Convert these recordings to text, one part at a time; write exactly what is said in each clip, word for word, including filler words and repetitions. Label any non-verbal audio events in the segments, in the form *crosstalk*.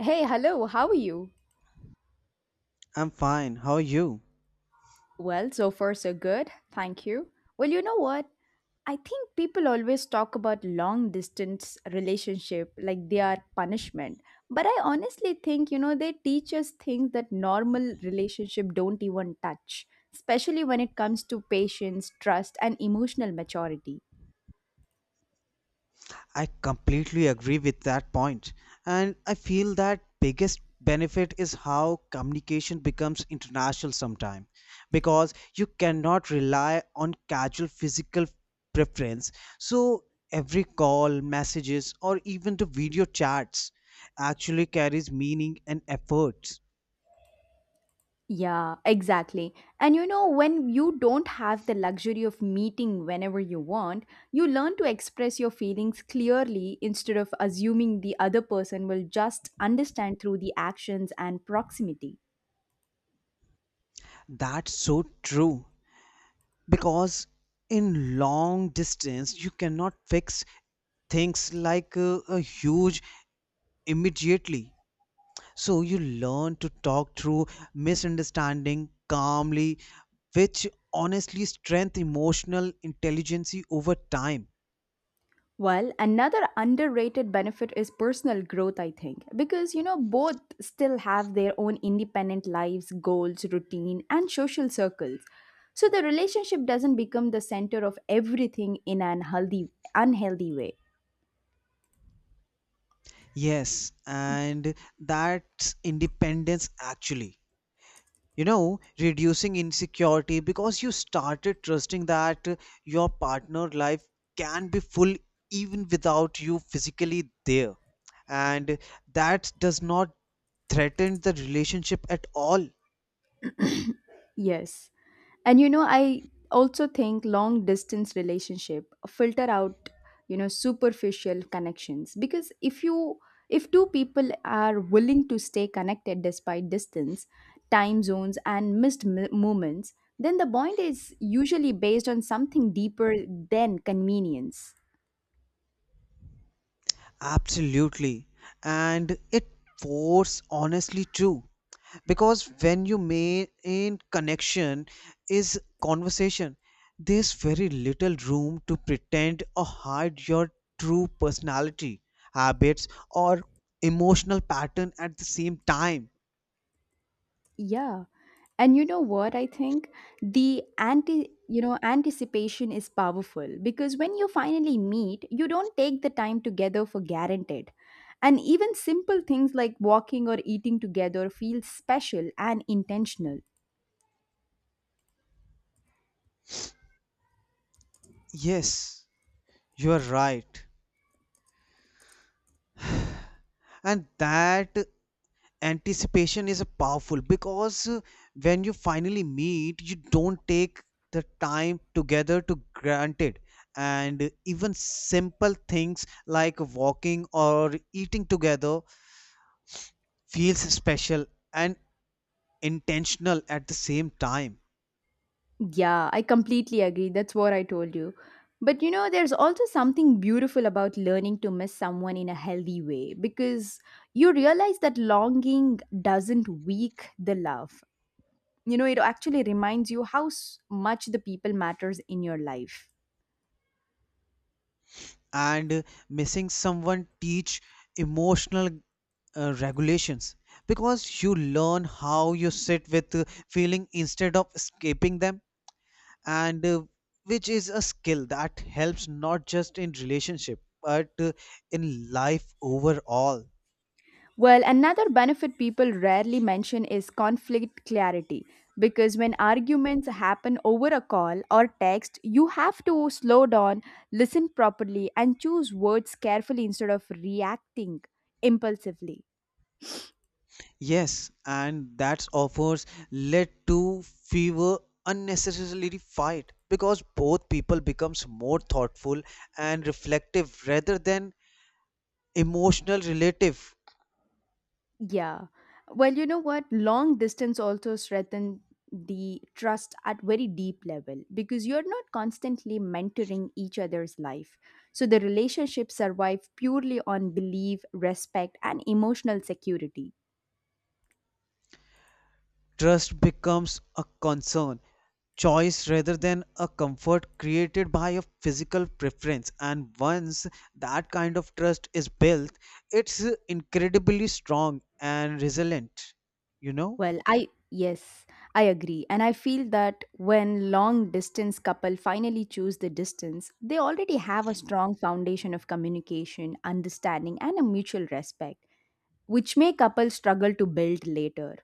Hey, hello, how are you? I'm fine. How are you? Well, so far so good, thank you. Well, you know what? I think people always talk about long distance relationship like they are punishment, but I honestly think, you know, they teach us things that normal relationship don't even touch, especially when it comes to patience, trust and emotional maturity. I completely agree with that point. And I feel that biggest benefit is how communication becomes international sometime because you cannot rely on casual physical preference. So every call, messages or even the video chats actually carries meaning and effort. Yeah, exactly. And you know, when you don't have the luxury of meeting whenever you want, you learn to express your feelings clearly instead of assuming the other person will just understand through the actions and proximity. That's so true. Because in long distance you cannot fix things like uh, a huge immediately, so you learn to talk through misunderstanding calmly, which honestly strength emotional intelligence over time. Well, another underrated benefit is personal growth, I think, because you know, both still have their own independent lives, goals, routine, and social circles. So the relationship doesn't become the center of everything in an healthy, unhealthy way. Yes, and that's independence actually, you know, reducing insecurity because you started trusting that your partner life can be full even without you physically there, and that does not threaten the relationship at all. Yes. And you know, I also think long distance relationship filter out, you know, superficial connections because if you if two people are willing to stay connected despite distance, time zones and missed m- moments, then the bond is usually based on something deeper than convenience. Absolutely. And it was honestly true. Because when you maintain connection is conversation, there's very little room to pretend or hide your true personality, habits, or emotional pattern at the same time. Yeah. And you know what I think? The anti you know, anticipation is powerful because when you finally meet, you don't take the time together for granted. And even simple things like walking or eating together feel special and intentional. Yes, you are right. And that anticipation is a powerful because uh, when you finally meet you don't take the time together to granted, and uh, even simple things like walking or eating together feels special and intentional at the same time. Yeah, I completely agree. That's what I told you. But you know, there's also something beautiful about learning to miss someone in a healthy way because you realize that longing doesn't weak the love. You know, it actually reminds you how s- much the people matters in your life. And uh, missing someone teach emotional uh, regulations, because you learn how you sit with uh, feeling instead of escaping them. And uh, which is a skill that helps not just in relationship but uh, in life overall. Well, another benefit people rarely mention is conflict clarity, because when arguments happen over a call or text you have to slow down, listen properly and choose words carefully instead of reacting impulsively. Yes, and that's offers led to fewer unnecessarily fight because both people becomes more thoughtful and reflective rather than emotional relative. Yeah. Well, you know what? Long distance also strengthen the trust at very deep level because you're not constantly mentoring each other's life. So the relationship survive purely on belief, respect, and emotional security. Trust becomes a concern, choice rather than a comfort created by a physical preference. And once that kind of trust is built, it's incredibly strong and resilient. You know, Well, I yes, I agree. And I feel that when long distance couple finally choose the distance, they already have a strong foundation of communication, understanding, and a mutual respect, which may couple struggle to build later.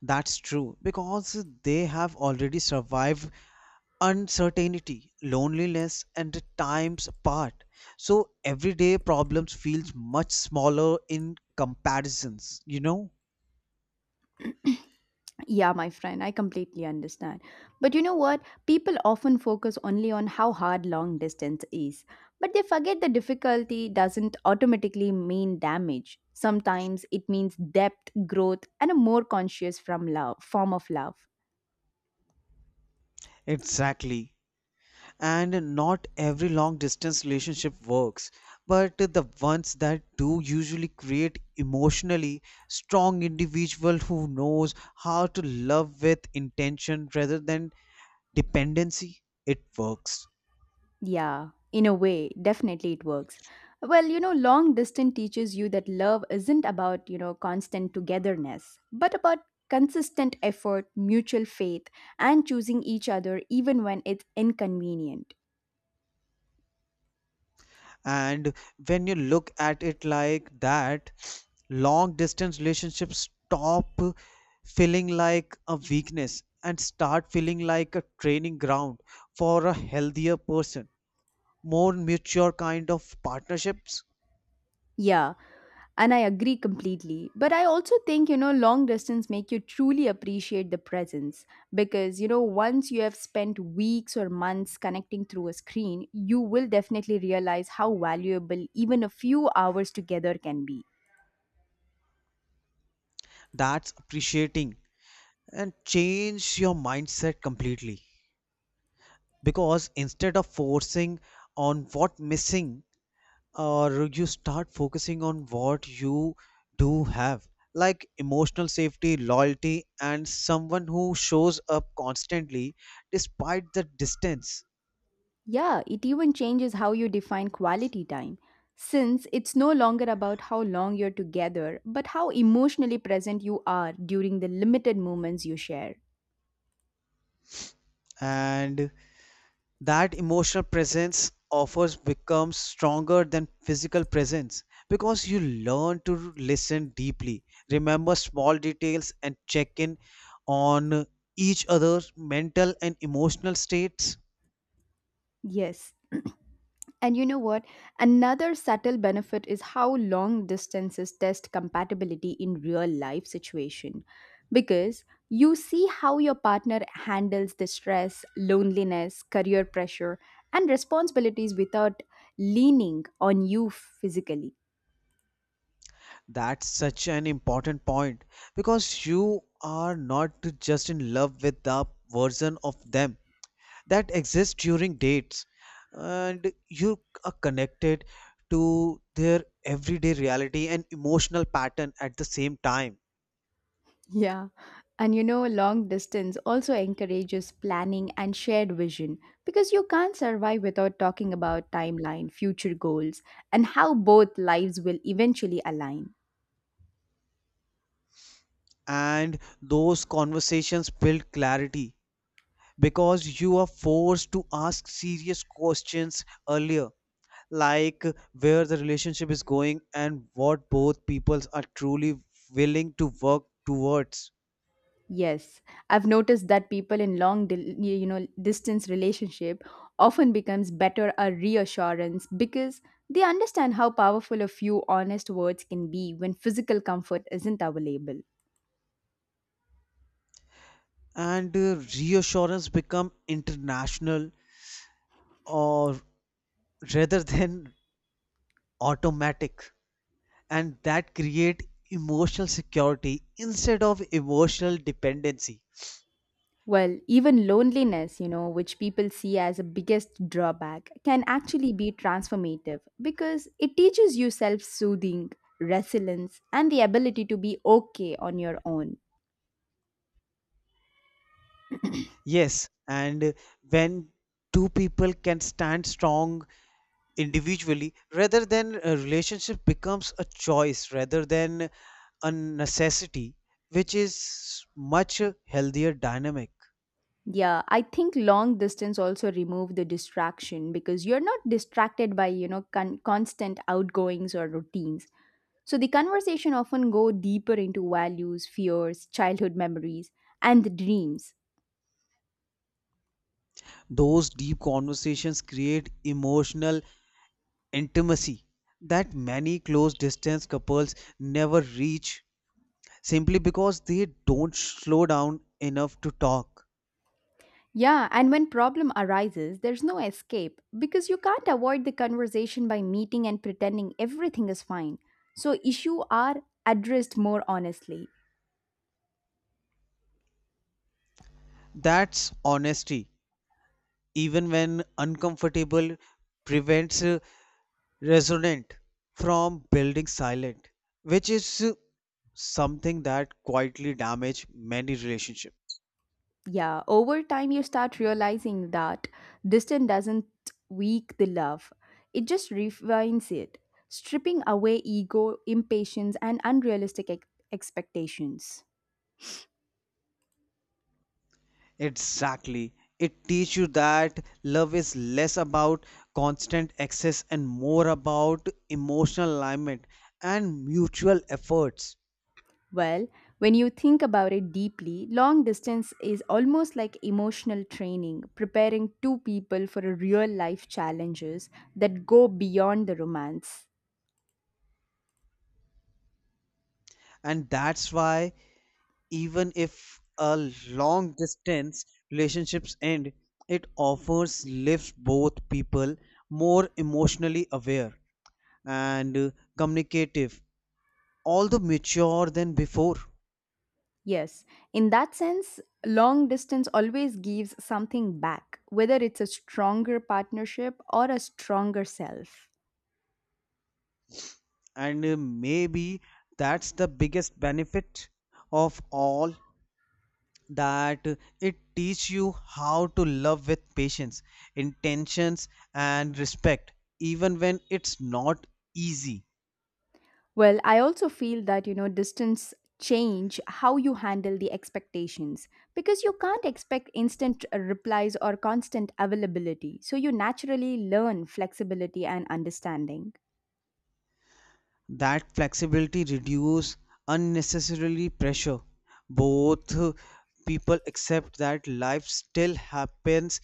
that's true because they have already survived uncertainty, loneliness, and the times apart. So everyday problems feels much smaller in comparisons, you know? Yeah, my friend, I completely understand. But you know what? People often focus only on how hard long distance is, but they forget the difficulty doesn't automatically mean damage. Sometimes it means depth, growth, and a more conscious from love form of love. Exactly. And not every long distance relationship works, but the ones that do usually create emotionally strong individual who knows how to love with intention rather than dependency. It works. Yeah, in a way, definitely it works. Well, you know, long distance teaches you that love isn't about, you know, constant togetherness, but about consistent effort, mutual faith, and choosing each other even when it's inconvenient. And when you look at it like that, long distance relationships stop feeling like a weakness and start feeling like a training ground for a healthier person, more mature kind of partnerships. Yeah, and I agree completely. But I also think, you know, long distance make you truly appreciate the presence because, you know, once you have spent weeks or months connecting through a screen, you will definitely realize how valuable even a few hours together can be. That's appreciating and change your mindset completely, because instead of forcing on what missing, or you start focusing on what you do have, like emotional safety, loyalty, and someone who shows up constantly despite the distance. Yeah, it even changes how you define quality time, since it's no longer about how long you're together, but how emotionally present you are during the limited moments you share. And that emotional presence offers becomes stronger than physical presence, because you learn to listen deeply, remember small details and check in on each other's mental and emotional states. Yes, and you know what? Another subtle benefit is how long distances test compatibility in real life situation, because you see how your partner handles the stress, loneliness, career pressure and responsibilities without leaning on you physically. That's such an important point, because you are not just in love with the version of them that exist during dates, and you are connected to their everyday reality and emotional pattern at the same time. Yeah. And you know, long distance also encourages planning and shared vision, because you can't survive without talking about timeline, future goals, and how both lives will eventually align. And those conversations build clarity, because you are forced to ask serious questions earlier, like where the relationship is going and what both peoples are truly willing to work towards. Yes, I've noticed that people in long, di- you know, distance relationship often becomes better a reassurance because they understand how powerful a few honest words can be when physical comfort isn't available. And uh, reassurance become international, or rather than automatic, and that create emotional security instead of emotional dependency. Well, even loneliness, you know, which people see as a biggest drawback, can actually be transformative because it teaches you self-soothing, resilience, and the ability to be okay on your own. Yes, and when two people can stand strong individually rather than a relationship becomes a choice rather than a necessity, which is much healthier dynamic. Yeah, I think long distance also remove the distraction because you're not distracted by, you know, con- constant outgoings or routines. So the conversation often go deeper into values, fears, childhood memories and the dreams. Those deep conversations create emotional intimacy that many close distance couples never reach, simply because they don't slow down enough to talk. Yeah, and when problem arises, there's no escape because you can't avoid the conversation by meeting and pretending everything is fine. So issue are addressed more honestly. That's honesty, even when uncomfortable, prevents uh, resonant from building silent, which is uh, something that quietly damage many relationships. Yeah, over time you start realizing that distance doesn't weak the love. It just refines it, stripping away ego, impatience and unrealistic ex- expectations. Exactly. It teaches you that love is less about constant access and more about emotional alignment and mutual efforts. Well, when you think about it deeply, long distance is almost like emotional training, preparing two people for a real life challenges that go beyond the romance. And that's why even if a long distance relationships end, it offers lifts both people more emotionally aware and uh, communicative, although mature than before. Yes, in that sense, long distance always gives something back, whether it's a stronger partnership or a stronger self. And uh, maybe that's the biggest benefit of all, that uh, it teaches you how to love with patience, intentions, and respect even when it's not easy. Well, I also feel that, you know, distance change how you handle the expectations because you can't expect instant uh, replies or constant availability. So you naturally learn flexibility and understanding. That flexibility reduce unnecessarily pressure, both uh, people accept that life still happens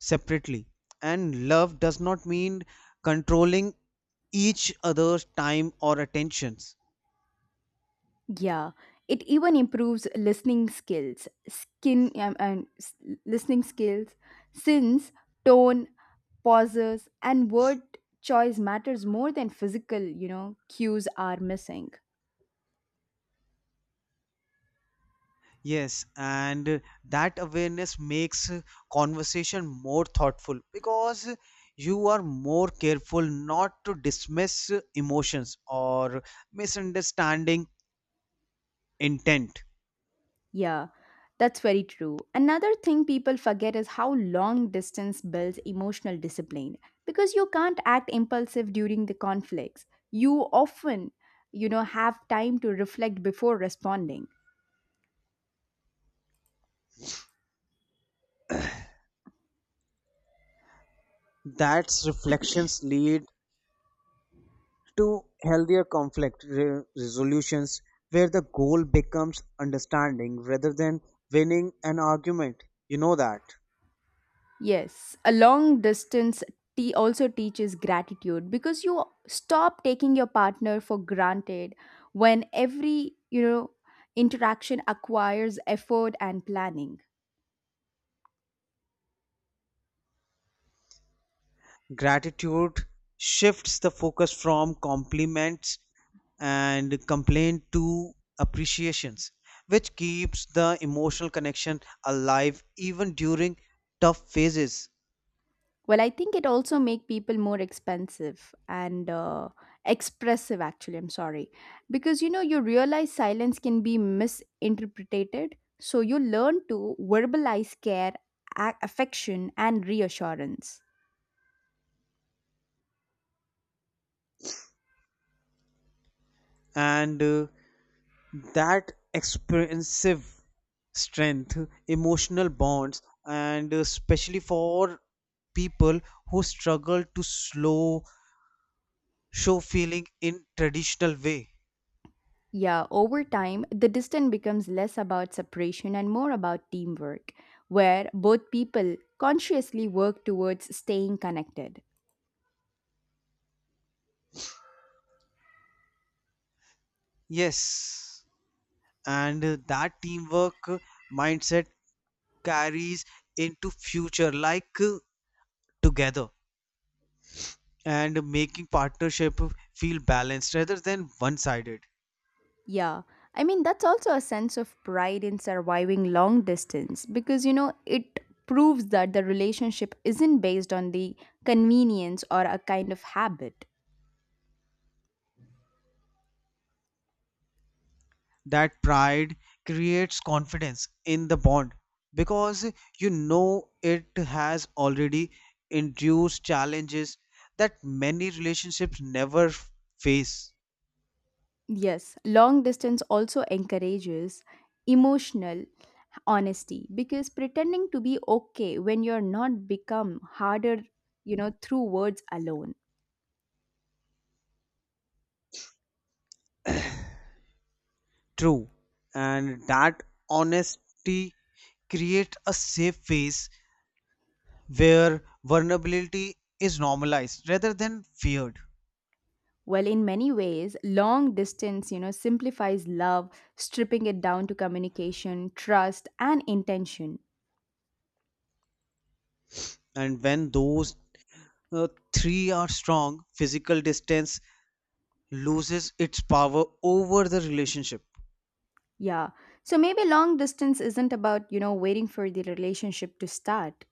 separately, and love does not mean controlling each other's time or attentions. Yeah, it even improves listening skills, skin um, and s- listening skills since tone, pauses and word choice matters more than physical, you know, cues are missing. Yes, and uh, that awareness makes uh, conversation more thoughtful, because uh, you are more careful not to dismiss uh, emotions or misunderstanding intent. Yeah, that's very true. Another thing people forget is how long distance builds emotional discipline because you can't act impulsive during the conflicts. You often, you know, have time to reflect before responding. That's reflections lead to healthier conflict re- resolutions, where the goal becomes understanding rather than winning an argument. You know that. Yes, a long distance tea also teaches gratitude because you stop taking your partner for granted when every, you know, interaction acquires effort and planning. Gratitude shifts the focus from compliments and complaint to appreciations, which keeps the emotional connection alive even during tough phases. Well, I think it also make people more expensive and uh, expressive. Actually, I'm sorry, because you know you realize silence can be misinterpreted, so you learn to verbalize care, a- affection, and reassurance. And uh, that expensive strength emotional bonds, and especially for people who struggle to slow show feeling in traditional way. Yeah, over time, the distance becomes less about separation and more about teamwork, where both people consciously work towards staying connected. Yes, and uh, that teamwork uh, mindset carries into future, like uh, together and making partnership feel balanced rather than one sided. Yeah. I mean, that's also a sense of pride in surviving long distance because, you know, it proves that the relationship isn't based on the convenience or a kind of habit. That pride creates confidence in the bond, because you know it has already induced challenges that many relationships never f- face. Yes, long distance also encourages emotional honesty because pretending to be okay when you're not become harder, you know, through words alone. True, and that honesty creates a safe space where vulnerability is normalized rather than feared. Well, in many ways, long distance, you know, simplifies love, stripping it down to communication, trust, and intention. And when those uh, three are strong, physical distance loses its power over the relationship. Yeah. So maybe long distance isn't about, you know, waiting for the relationship to start.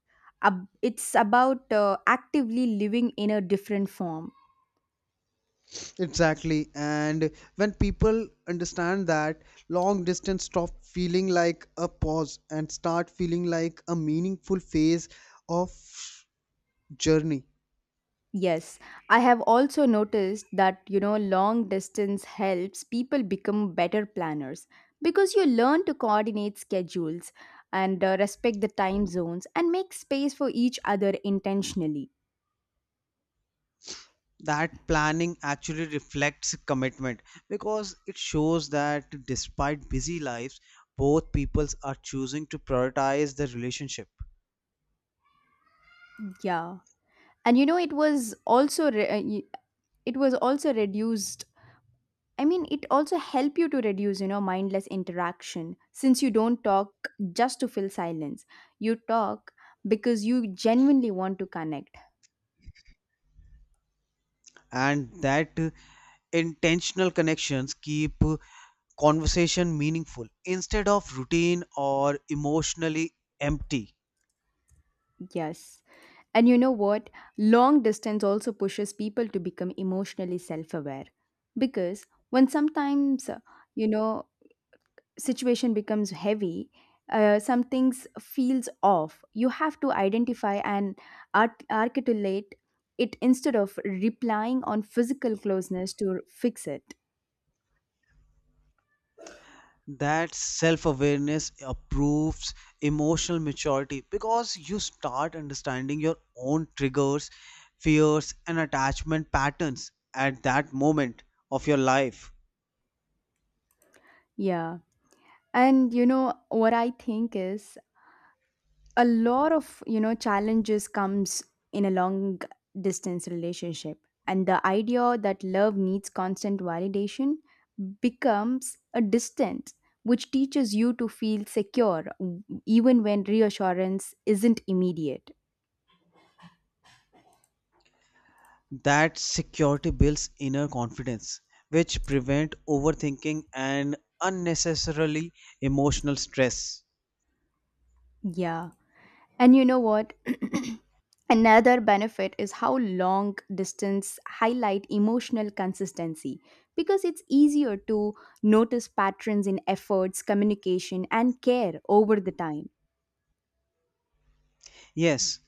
Ab- It's about uh, actively living in a different form. Exactly. And when people understand that, long distance stop feeling like a pause and start feeling like a meaningful phase of journey. Yes, I have also noticed that you know long distance helps people become better planners because you learn to coordinate schedules and uh, respect the time zones and make space for each other intentionally. That planning actually reflects commitment, because it shows that despite busy lives, both peoples are choosing to prioritize the relationship. Yeah. And you know it was also re- uh, y- it was also reduced I mean it also help you to reduce you know mindless interaction since you don't talk just to fill silence. You talk because you genuinely want to connect. And that intentional connections keep conversation meaningful instead of routine or emotionally empty. Yes. And you know what? Long distance also pushes people to become emotionally self aware. Because when sometimes, uh, you know, situation becomes heavy, uh, some things feels off. You have to identify and art- articulate it instead of replying on physical closeness to fix it. That self-awareness improves emotional maturity, because you start understanding your own triggers, fears and attachment patterns at that moment of your life. Yeah. And you know what I think is a lot of you know challenges comes in a long distance relationship and the idea that love needs constant validation becomes a distance which teaches you to feel secure w- even when reassurance isn't immediate. That security builds inner confidence, which prevent overthinking and unnecessarily emotional stress. Yeah. And you know what? *clears throat* Another benefit is how long distance highlight emotional consistency because it's easier to notice patterns in efforts, communication and care over the time. Yes,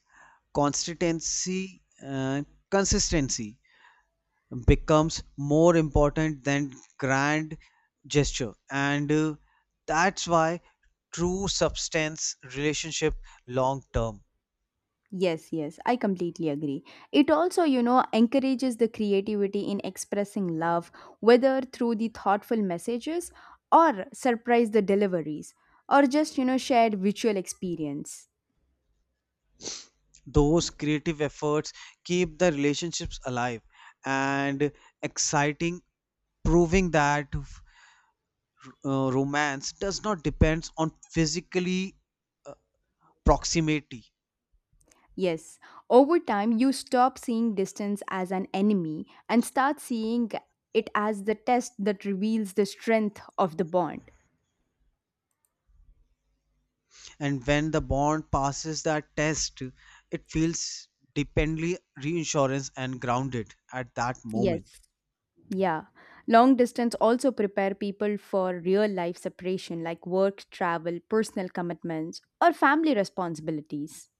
consistency uh, consistency becomes more important than grand gesture, and uh, that's why true substance relationship long term. Yes, yes, I completely agree. It also, you know, encourages the creativity in expressing love whether through the thoughtful messages or surprise the deliveries or just, you know, shared visual experience. Those creative efforts keep the relationships alive and exciting, proving that uh, romance does not depend on physically proximity. Yes, over time you stop seeing distance as an enemy and start seeing it as the test that reveals the strength of the bond. And when the bond passes that test, it feels dependently reinsurance and grounded at that moment. Yes. Yeah. Long distance also prepare people for real life separation like work, travel, personal commitments, or family responsibilities.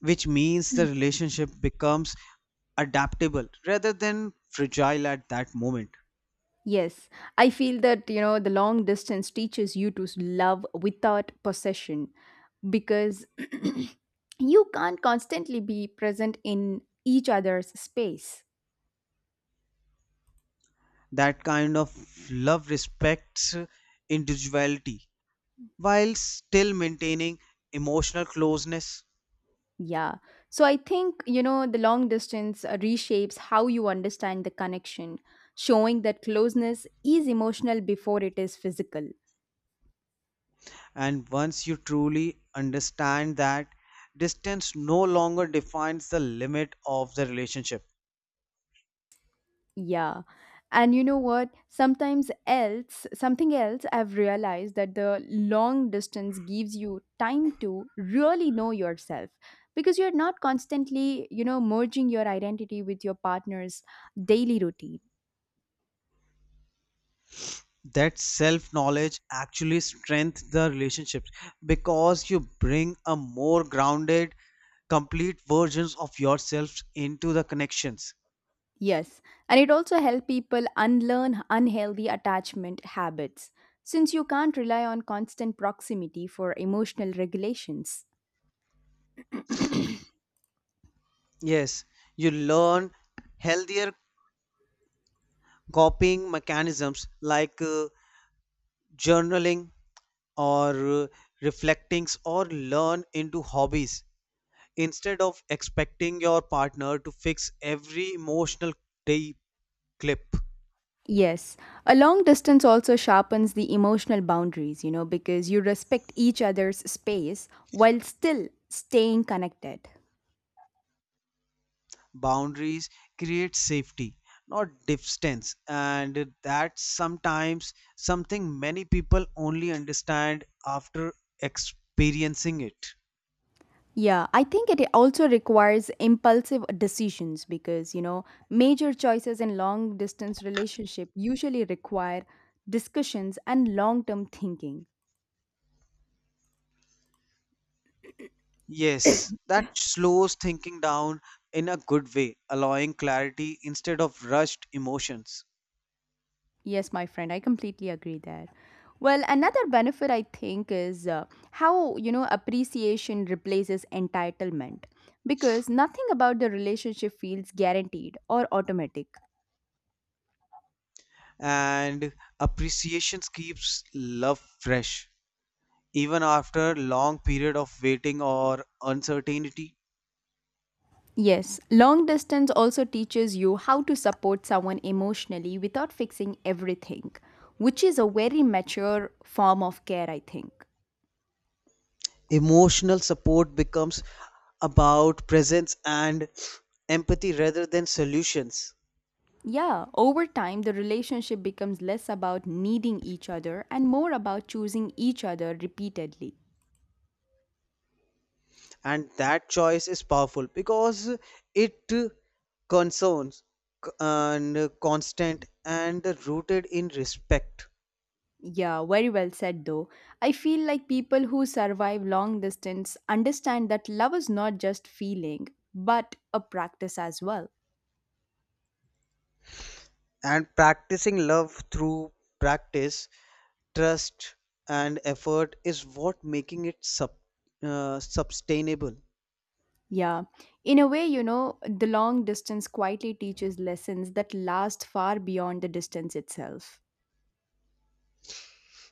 Which means the relationship becomes adaptable rather than fragile at that moment. Yes, I feel that you know the long distance teaches you to love without possession because *clears throat* you can't constantly be present in each other's space. That kind of love respects individuality while still maintaining emotional closeness. Yeah. So I think, you know, the long distance uh, reshapes how you understand the connection, showing that closeness is emotional before it is physical. And once you truly understand that, distance no longer defines the limit of the relationship. Yeah. And you know what? Sometimes else, something else I've realized that the long distance gives you time to really know yourself because you're not constantly, you know, merging your identity with your partner's daily routine. That self knowledge actually strengthens the relationships, because you bring a more grounded complete versions of yourselves into the connections. Yes. And it also helps people unlearn unhealthy attachment habits since you can't rely on constant proximity for emotional regulations. *clears throat* Yes, you learn healthier copying mechanisms, like uh, journaling or uh, reflectings or learn into hobbies instead of expecting your partner to fix every emotional day clip. Yes, a long distance also sharpens the emotional boundaries, you know, because you respect each other's space while still staying connected. Boundaries create safety not distance, and that's sometimes something many people only understand after experiencing it. Yeah, I think it also requires impulsive decisions because, you know, major choices in long distance relationship usually require discussions and long-term thinking. Yes, that slows thinking down in a good way, allowing clarity instead of rushed emotions. Yes, my friend, I completely agree there. Well, another benefit I think is uh, how, you know, appreciation replaces entitlement because nothing about the relationship feels guaranteed or automatic. And appreciations keeps love fresh, even after long period of waiting or uncertainty. Yes, long distance also teaches you how to support someone emotionally without fixing everything, which is a very mature form of care, I think. Emotional support becomes about presence and empathy rather than solutions. Yeah, over time, the relationship becomes less about needing each other and more about choosing each other repeatedly. And that choice is powerful because it concerns c- and constant and rooted in respect. Yeah, very well said though. I feel like people who survive long distance understand that love is not just feeling, but a practice as well. And practicing love through practice trust and effort is what making it sub, uh, sustainable. Yeah. In a way, you know, the long distance quietly teaches lessons that last far beyond the distance itself.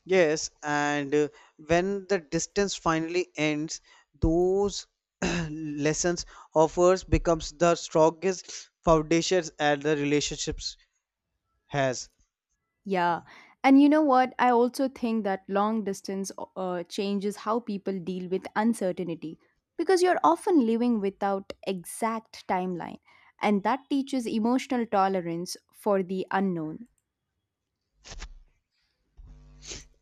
Yes, and uh, when the distance finally ends, those *clears throat* lessons offers becomes the strongest foundations and the relationships has. Yeah. And you know what? I also think that long distance uh, changes how people deal with uncertainty because you're often living without exact timeline and that teaches emotional tolerance for the unknown.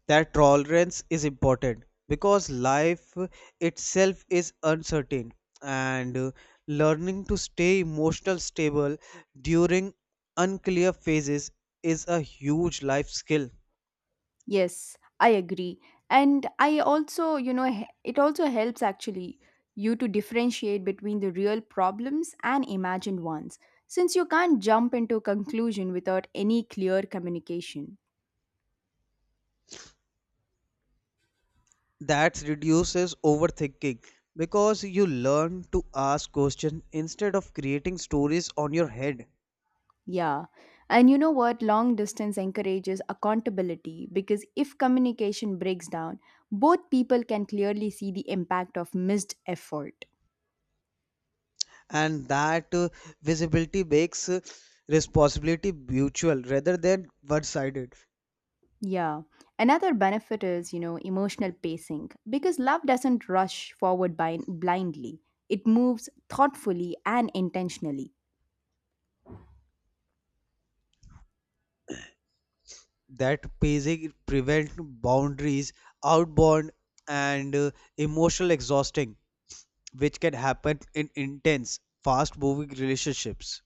That tolerance is important, because life itself is uncertain, and uh, learning to stay emotional stable during unclear phases is a huge life skill. Yes, I agree. And I also, you know, he- it also helps actually you to differentiate between the real problems and imagined ones, since you can't jump into conclusion without any clear communication. That reduces overthinking, because you learn to ask questions instead of creating stories on your head. Yeah. And you know what? Long distance encourages accountability because if communication breaks down, both people can clearly see the impact of missed effort. And that uh, visibility makes uh, responsibility mutual rather than one sided. Yeah. Another benefit is, you know, emotional pacing because love doesn't rush forward by blindly. It moves thoughtfully and intentionally. That pacing prevent boundaries outbound and uh, emotional exhausting, which can happen in intense fast moving relationships.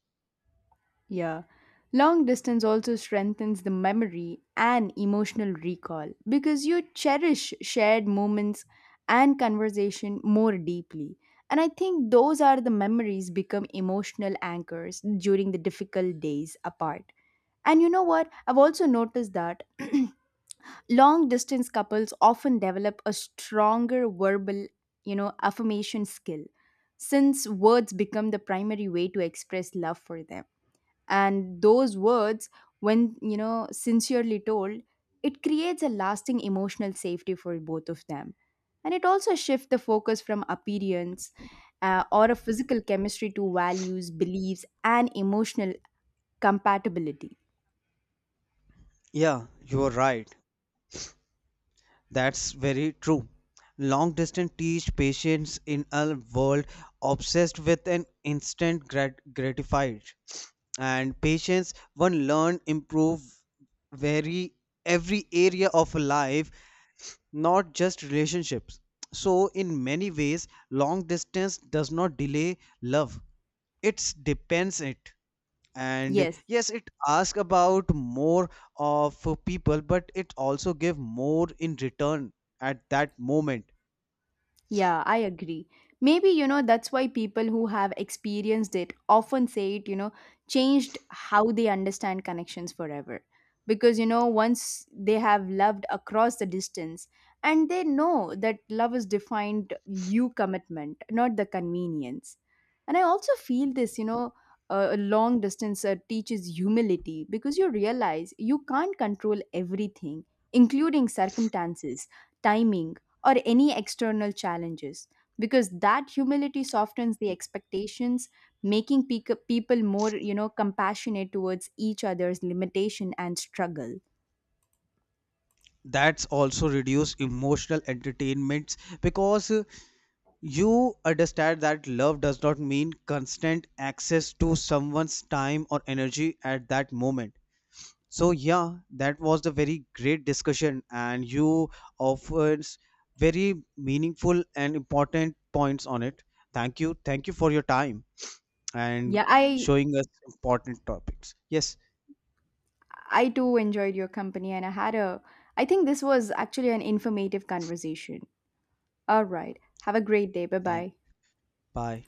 Yeah. Long distance also strengthens the memory and emotional recall because you cherish shared moments and conversation more deeply. And I think those are the memories become emotional anchors during the difficult days apart. And you know what? I've also noticed that *clears throat* long distance couples often develop a stronger verbal, you know, affirmation skill since words become the primary way to express love for them. And those words, when, you know, sincerely told, it creates a lasting emotional safety for both of them. And it also shifts the focus from appearance uh, or a physical chemistry to values, beliefs, and emotional compatibility. Yeah, you are right, that's very true. Long distance teach patience in a world obsessed with an instant grat- gratified, and patience one learn improve very every area of life, not just relationships. So, in many ways, long distance does not delay love, it depends it. And Yes, yes, it asks about more of people, but it also give more in return at that moment. Yeah, I agree. Maybe, you know, that's why people who have experienced it often say it, you know, changed how they understand connections forever. Because, you know, once they have loved across the distance and they know that love is defined you commitment, not the convenience. And I also feel this, you know, uh, a long distance uh, teaches humility because you realize you can't control everything, including circumstances, timing, or any external challenges because that humility softens the expectations making pe- people more you know compassionate towards each other's limitation and struggle. That's also reduce emotional entertainments because uh, you understand that love does not mean constant access to someone's time or energy at that moment. So yeah, that was the very great discussion, and you offered very meaningful and important points on it. Thank you, thank you for your time and Yeah, i showing us important topics. Yes, i too enjoyed your company and I had a I think this was actually an informative conversation. All right, have a great day, bye thank. bye. Bye.